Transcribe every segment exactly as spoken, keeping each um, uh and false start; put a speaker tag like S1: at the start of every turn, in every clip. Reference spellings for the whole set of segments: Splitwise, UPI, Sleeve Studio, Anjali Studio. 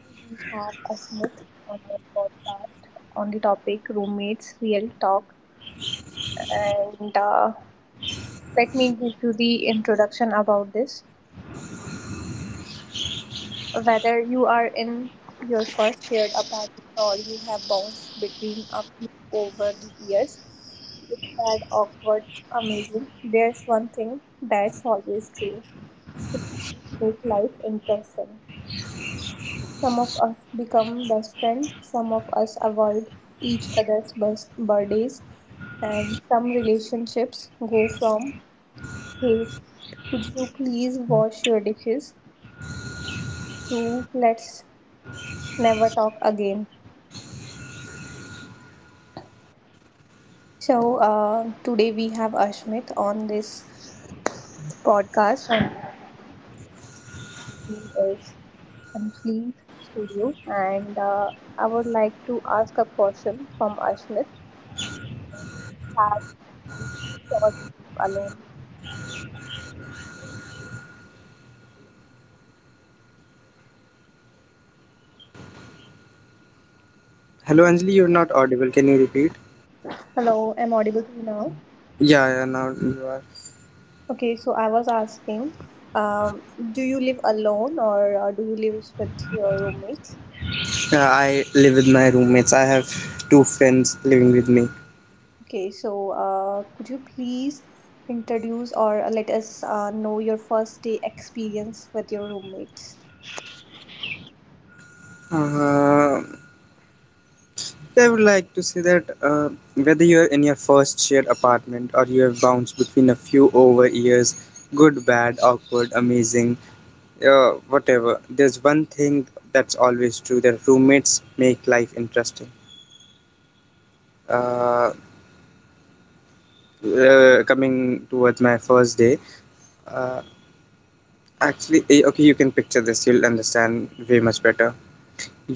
S1: We have Asmit on our podcast on the topic roommates, real talk. And uh, let me give you the introduction about this. Whether you are in your first shared apartment or you have bounced between a few over the years, good, bad, awkward, amazing, there's one thing that's always true make life interesting. Some of us become best friends, some of us avoid each other's bus- birthdays, and some relationships go from, hey, could you please wash your dishes, to let's never talk again. So, uh, today we have Ashmit on this podcast, and he is from Sleeve Studio, and uh, I would like to ask a question from Ashmit. Do you have any roommate or do you live alone?
S2: Hello, Anjali, you're not audible. Can you repeat?
S1: Hello, I'm audible to you now.
S2: Yeah, yeah, now you are.
S1: Okay, so I was asking, um, do you live alone or uh, do you live with your roommates?
S2: Yeah, I live with my roommates. I have two friends living with me.
S1: Okay, so uh, could you please introduce or uh, let us uh, know your first day experience with your roommates?
S2: Uh, I would like to say that uh, whether you're in your first shared apartment or you have bounced between a few over years, good, bad, awkward, amazing, uh, whatever, there's one thing that's always true, that roommates make life interesting. Uh, uh, Coming towards my first day, uh, actually, eh, okay, you can picture this, you'll understand way much better.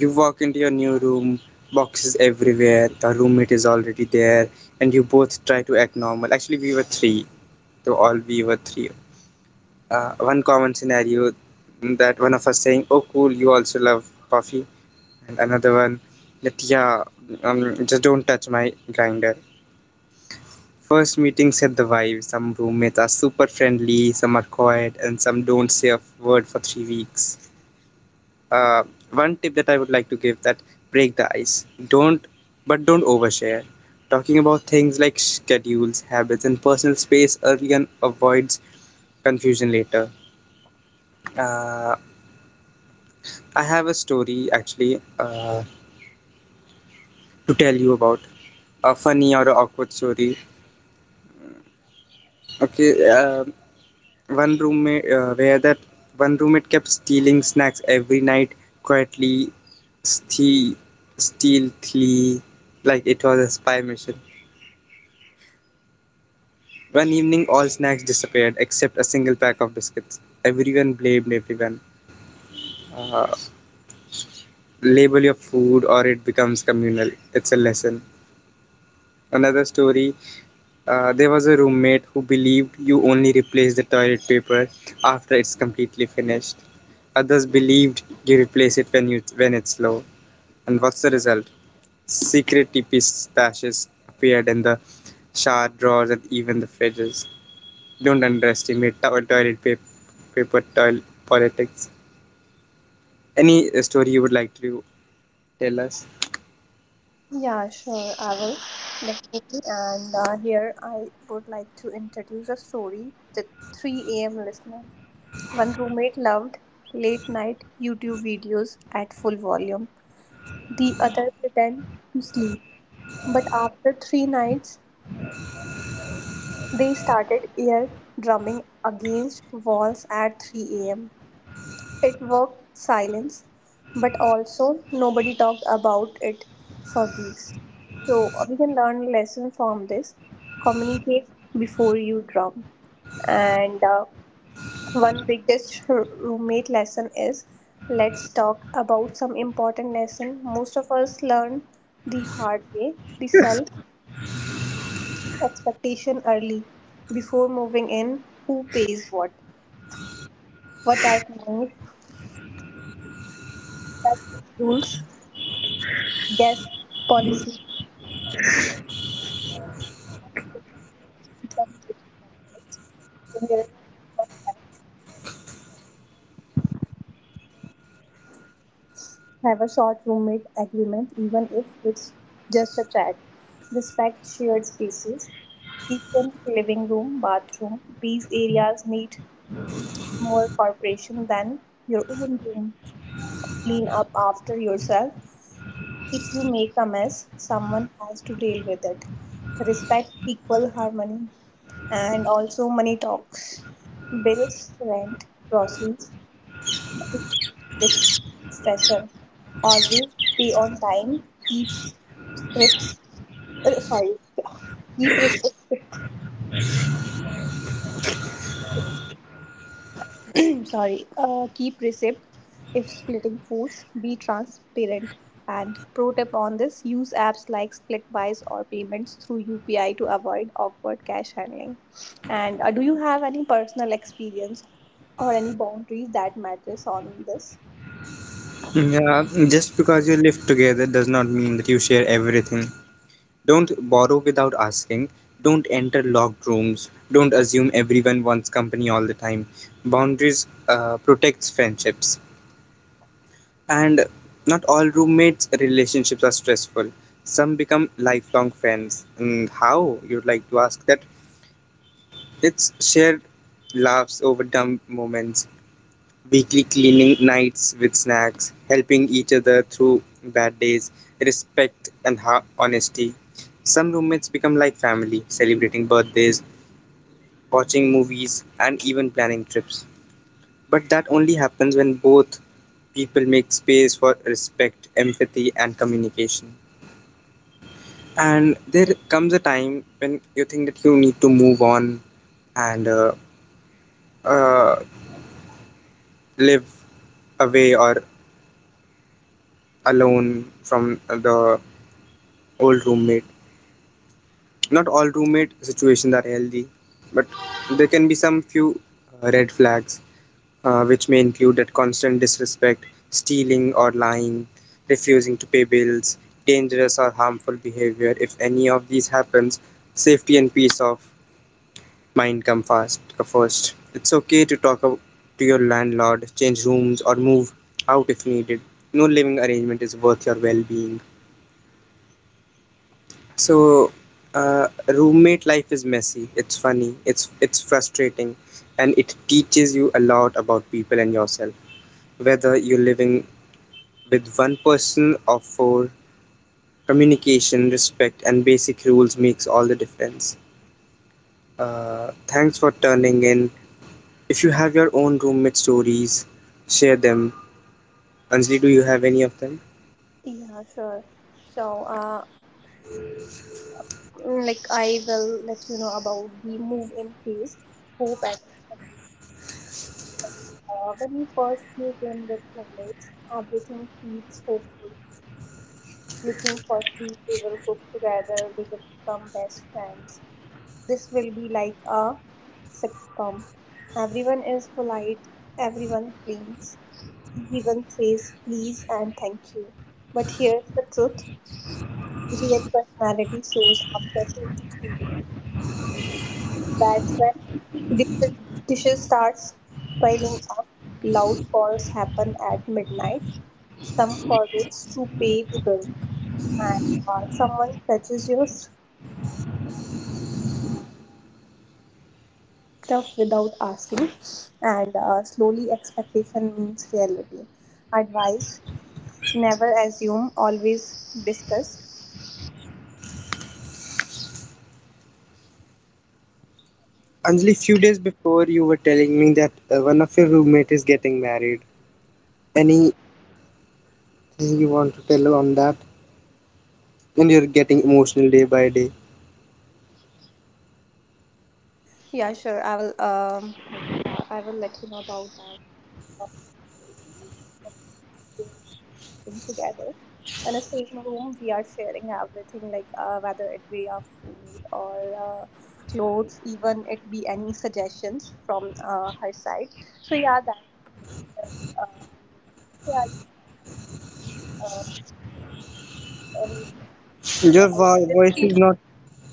S2: You walk into your new room, boxes everywhere, your roommate is already there, and you both try to act normal. Actually, we were three, so all we were three. Uh, one common scenario, mm, that one of us saying, "Oh, cool, you also love Puffy," and another one that, yeah, um, just don't touch my grinder. First meeting set the vibe. Some roommates are super friendly, some are quiet, and some don't say a word for three weeks. uh, One tip that I would like to give, that break the ice. Don't, but don't overshare. Talking about things like schedules, habits, and personal space early on avoids confusion later. Uh, I have a story, actually, uh, to tell you about a funny or a awkward story. Okay, uh, one roommate, uh, where that one roommate kept stealing snacks every night quietly, steal, stealthily, like it was a spy mission. One evening, all snacks disappeared except a single pack of biscuits. Everyone blamed everyone. Uh, Label your food or it becomes communal. It's a lesson. Another story, uh, there was a roommate who believed you only replace the toilet paper after it's completely finished. Others believed you replace it when, you, when it's low. And what's the result? Secret T P stashes appeared in the shower drawers and even the fridges. Don't underestimate to- toilet paper, paper toil- politics. Any story you would like to tell us?
S1: Yeah, sure, I will definitely. And uh, here I would like to introduce a story to three a m listeners. One roommate loved late night YouTube videos at full volume. The other pretended to sleep. But after three nights, they started ear drumming against walls at three a m. It worked silence, but also nobody talked about it for weeks. So we can learn a lesson from this. Communicate before you drum, and uh, One biggest r- roommate lesson is let's talk about some important lesson most of us learn the hard way, the self expectation early before moving in, who pays what, what are claims, what are the rules, guest policy, unspoken rules become major conflicts. So here is a tip for that. Have a short roommate agreement, even if it's just a chat. Respect shared spaces. Kitchen, living room, bathroom. These areas need more cooperation than your own room. Clean up after yourself. If you make a mess, someone has to deal with it. Respect equal harmony and also money talks. Bills, rent, groceries, is stressor. Always be on time. Keep scripts. Uh, sorry. Keep receipt sorry. Uh, keep receipt if splitting foods. Be transparent. And pro tip on this: use apps like Splitwise or payments through U P I to avoid awkward cash handling. And uh, do you have any personal experience or any boundaries that matters on this?
S2: Yeah, just because you live together does not mean that you share everything. Don't borrow without asking. Don't enter locked rooms. Don't assume everyone wants company all the time. Boundaries uh, protects friendships. And not all roommates relationships are stressful. Some become lifelong friends. And how you'd like to ask that? It's shared laughs over dumb moments, weekly cleaning nights with snacks, helping each other through bad days, respect and ha- honesty. Some roommates become like family, celebrating birthdays, watching movies, and even planning trips. But that only happens when both people make space for respect, empathy, and communication. And there comes a time when you think that you need to move on and uh, uh, live away or alone from the old roommate. Not all roommate situations are healthy, but there can be some few uh, red flags, uh, which may include that constant disrespect, stealing or lying, refusing to pay bills, dangerous or harmful behavior. If any of these happens, safety and peace of my income fast uh, first. It's okay to talk up to your landlord, change rooms, or move out if needed. No living arrangement is worth your well-being. So, uh, roommate life is messy. It's funny. It's it's frustrating, and it teaches you a lot about people and yourself. Whether you're living with one person or four, communication, respect, and basic rules makes all the difference. Uh, thanks for turning in. If you have your own roommate stories, share them. Anjali, do you have any of them?
S1: Yeah, sure. So, uh, Mm, like I will let you know about the move in phase, hope and expectation. Uh, when you first move in with roommates, everything feels hopeful. You think firstly we will cook together, we will become best friends. This will be like a sitcom. Everyone is polite, everyone cleans, everyone says please and thank you. But here's the truth: real personality shows after two to three weeks. That's when dishes, dishes starts piling up. Loud calls happen at midnight. Some forgets to pay the bill, and uh, someone fetches your stuff without asking. And uh, slowly, expectation means reality. Advice: never assume, always discuss.
S2: Anjali, few days before you were telling me that uh, one of your roommate is getting married. Anything you want to tell on that? And you're getting emotional day by day.
S1: Yeah, sure. I will. Um, I will let you know about that. Thing together. When a student room, we are sharing everything, like uh, whether it be our food or uh, clothes, even it be any suggestions from uh, her side. So yeah, that um, yeah. Uh, um,
S2: Your
S1: uh,
S2: vo- voice is
S1: this-
S2: not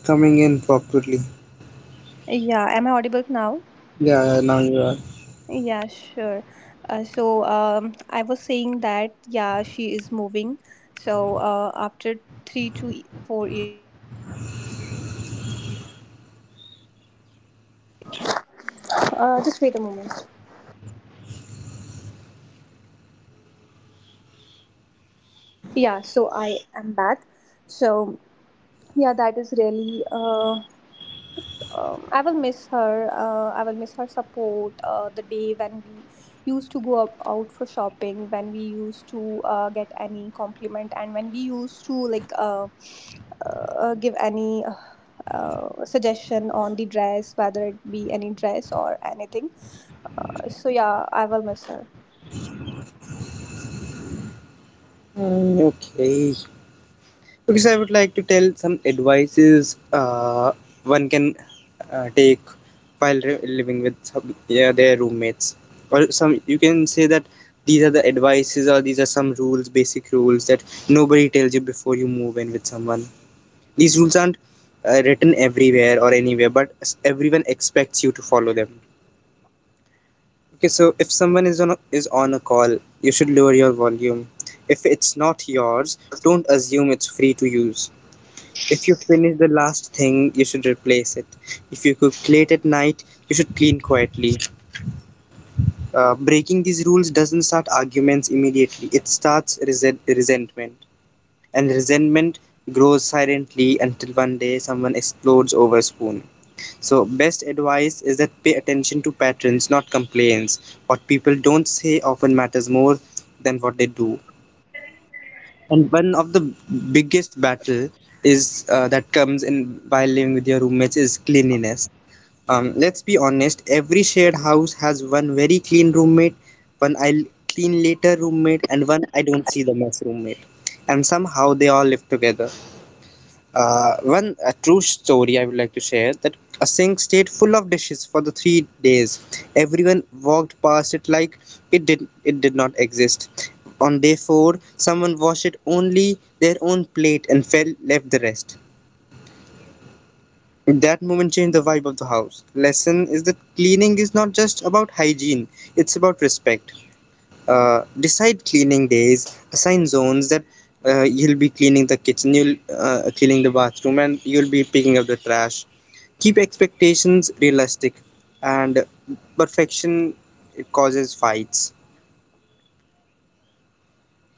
S2: coming in properly.
S1: yeah, am I audible now?
S2: Yeah, yeah, now you are.
S1: Yeah, sure. Uh, so um, I was saying that yeah, she is moving. So uh, after three to e- four. Uh, just wait a moment. Yeah, so I am back. So yeah, that is really. Uh, um, I will miss her. Uh, I will miss her support. Uh, the day when we used to go up, out for shopping, when we used to uh, get any compliment, and when we used to like uh, uh, give any Uh, uh, suggestion on the dress whether it be any dress or anything, uh, so yeah, I will miss her.
S2: Mm, okay. Because I would like to tell some advices, uh, one can uh, take while re- living with some, yeah, their roommates. Or some you can say that these are the advices or these are some rules, basic rules that nobody tells you before you move in with someone. These rules aren't uh, written everywhere or anywhere, but s- everyone expects you to follow them. Okay, so if someone is on a, is on a call, you should lower your volume. If it's not yours, don't assume it's free to use. If you finish the last thing, you should replace it. If you cook late at night, you should clean quietly. Uh, breaking these rules doesn't start arguments immediately, it starts resent- resentment. And resentment grows silently until one day someone explodes over a spoon. So, best advice is that pay attention to patterns, not complaints. What people don't say often matters more than what they do. And one of the biggest battle is uh, that comes in while living with your roommates is cleanliness. Um, let's be honest, every shared house has one very clean roommate, one "I clean later" roommate, and one "I don't see the mess" roommate. And somehow they all live together. Uh, one a true story I would like to share, that a sink stayed full of dishes for the three days. Everyone walked past it like it did it did not exist. On day four, someone washed it only their own plate and fell left the rest. That moment changed the vibe of the house. Lesson is that cleaning is not just about hygiene; it's about respect. Uh, decide cleaning days, assign zones, that uh, you'll be cleaning the kitchen, you'll uh, cleaning the bathroom, and you'll be picking up the trash. Keep expectations realistic, and perfection, it causes fights.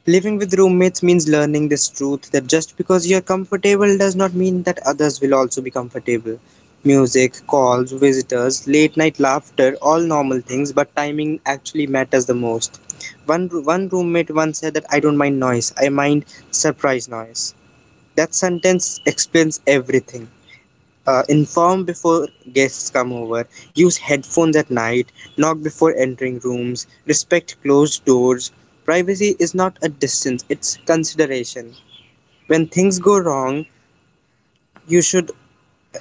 S2: Living with roommates means learning this truth, that just because you're comfortable does not mean that others will also be comfortable. Music, calls, visitors, late night laughter, all normal things, but timing actually matters the most. One, one roommate once said that I don't mind noise, I mind surprise noise. That sentence explains everything. Uh, inform before guests come over, use headphones at night, knock before entering rooms, respect closed doors. Privacy is not a distance, it's consideration. When things go wrong, you should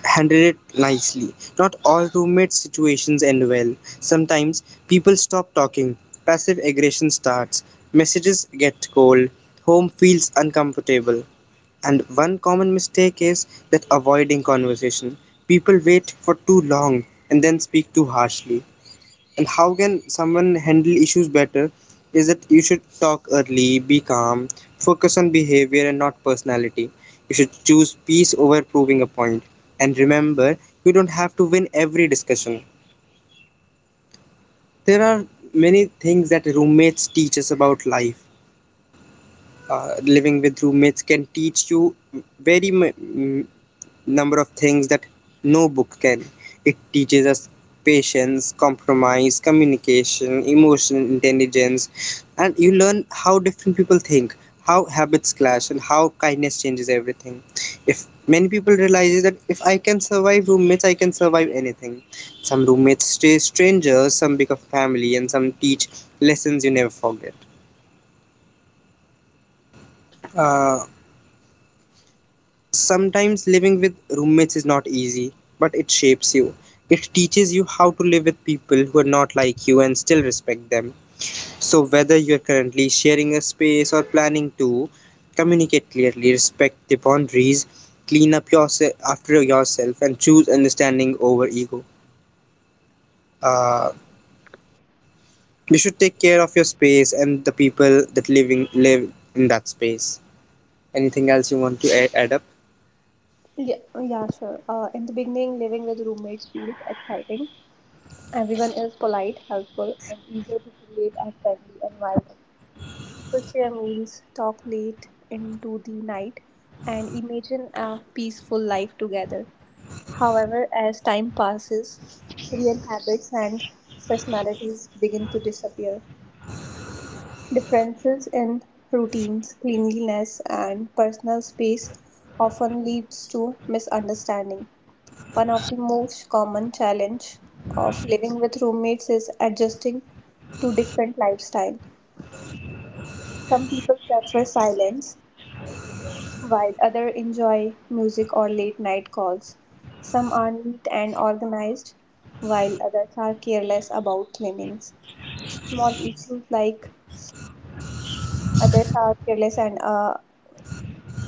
S2: handle it nicely. Not all roommate situations end well. Sometimes people stop talking, passive aggression starts, messages get cold, home feels uncomfortable. And one common mistake is that avoiding conversation. People wait for too long and then speak too harshly. And how can someone handle issues better is that you should talk early, be calm, focus on behavior and not personality. You should choose peace over proving a point. And remember, you don't have to win every discussion. There are many things that roommates teach us about life. Uh, living with roommates can teach you very m- number of things that no book can. It teaches us patience, compromise, communication, emotional intelligence, and you learn how different people think, how habits clash, and how kindness changes everything. If many people realize that if I can survive roommates, I can survive anything. Some roommates stay strangers, some become family, and some teach lessons you never forget. Uh, Sometimes living with roommates is not easy, but it shapes you. It teaches you how to live with people who are not like you and still respect them. So, whether you're currently sharing a space or planning to, communicate clearly, respect the boundaries, clean up yourself after yourself, and choose understanding over ego. Uh, you should take care of your space and the people that living live in that space. Anything else you want to add, add up?
S1: Yeah, oh, yeah, sure. Uh, in the beginning, living with roommates feels exciting. Everyone is polite, helpful, and eager to create a friendly environment. People share meals, talk late into the night, and imagine a peaceful life together. However, as time passes, real habits and personalities begin to disappear. Differences in routines, cleanliness, and personal space often leads to misunderstanding. One of the most common challenge of living with roommates is adjusting to different lifestyle. Some people prefer silence, while others enjoy music or late night calls. Some are neat and organized, while others are careless about cleanings. Small issues like others are careless and uh,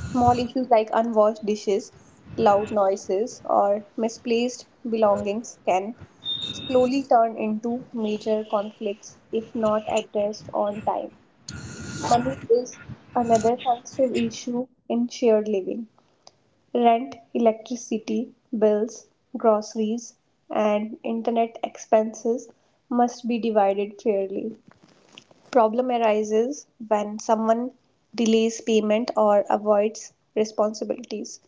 S1: Small issues like unwashed dishes, loud noises, or misplaced belongings can slowly turn into major conflicts if not addressed on time. Money is another sensitive issue in shared living. Rent, electricity, bills, groceries, and internet expenses must be divided fairly. Problem arises when someone delays payment or avoids responsibilities.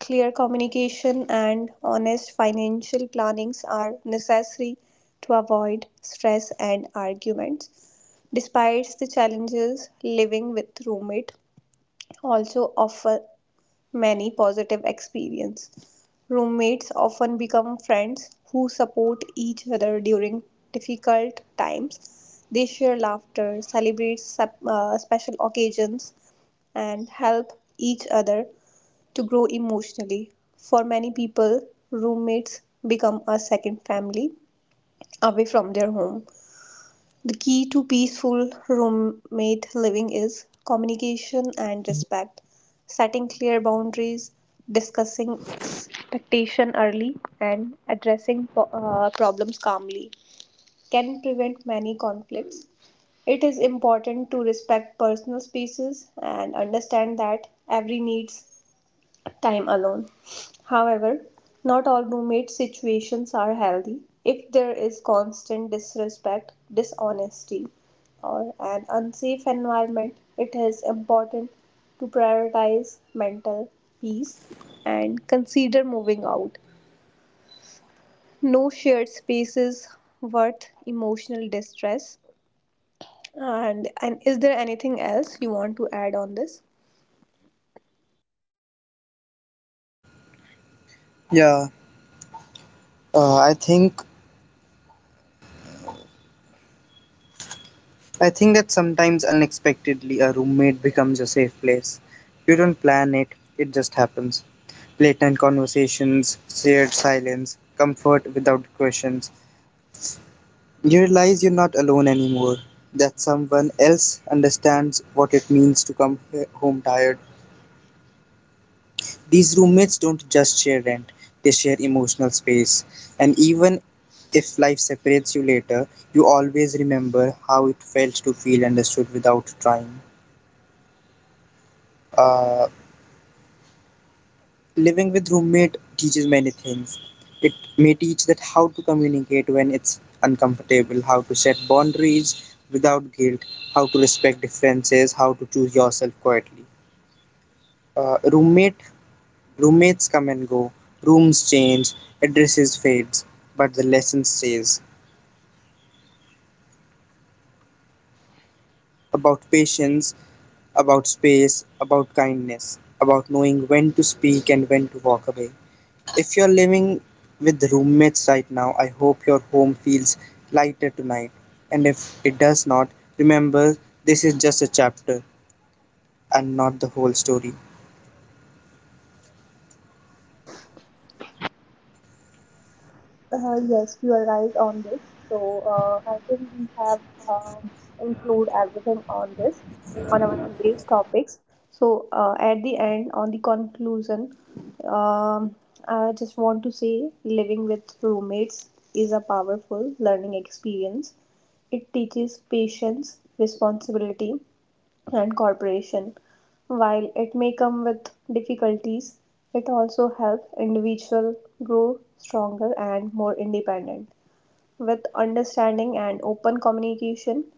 S1: Clear communication and honest financial plannings are necessary to avoid stress and arguments. Despite the challenges, living with roommate also offer many positive experience. Roommates often become friends who support each other during difficult times. They share laughter, celebrate sup- uh, special occasions, and help each other to grow emotionally. For many people, roommates become a second family away from their home. The key to peaceful roommate living is communication and respect, setting clear boundaries, discussing expectation early, and addressing po- uh, problems calmly can prevent many conflicts. It is important to respect personal spaces and understand that every needs time alone. However, not all roommate situations are healthy if there is constant disrespect, dishonesty, or an unsafe environment. It is important to prioritize mental peace and consider moving out. No shared spaces worth emotional distress. And and is there anything else you want to add on this?
S2: Yeah, uh, I think I think that sometimes unexpectedly a roommate becomes a safe place. You don't plan it, it just happens. Late night conversations, shared silence, comfort without questions. You realize you're not alone anymore, that someone else understands what it means to come he- home tired. These roommates don't just share rent, they share emotional space. And even if life separates you later, you always remember how it felt to feel understood without trying. Uh, Living with roommate teaches many things. It may teach that how to communicate when it's uncomfortable, how to set boundaries without guilt, how to respect differences, how to choose yourself quietly. Uh, roommate Roommates come and go, rooms change, addresses fades, but the lesson stays, about patience, about space, about kindness, about knowing when to speak and when to walk away. If you're living with roommates right now, I hope your home feels lighter tonight. And if it does not, remember, this is just a chapter and not the whole story.
S1: Uh, yes, you are right on this. So uh, I think we have um, include everything on this on our today's topics. So uh, at the end, on the conclusion, um, I just want to say living with roommates is a powerful learning experience. It teaches patience, responsibility, and cooperation. While it may come with difficulties, it also helps individuals grow stronger and more independent. With understanding and open communication,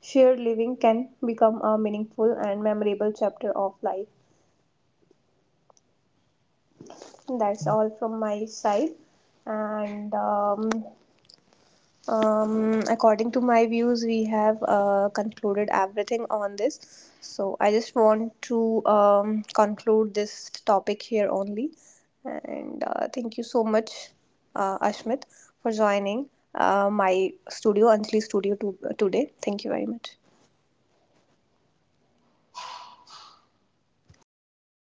S1: shared living can become a meaningful and memorable chapter of life. That's all from my side, and um, Um, according to my views, we have uh, concluded everything on this. So I just want to um, conclude this topic here only. And uh, thank you so much, uh, Ashmit, for joining uh, my studio, Anjali Studio, to- today. Thank you very much.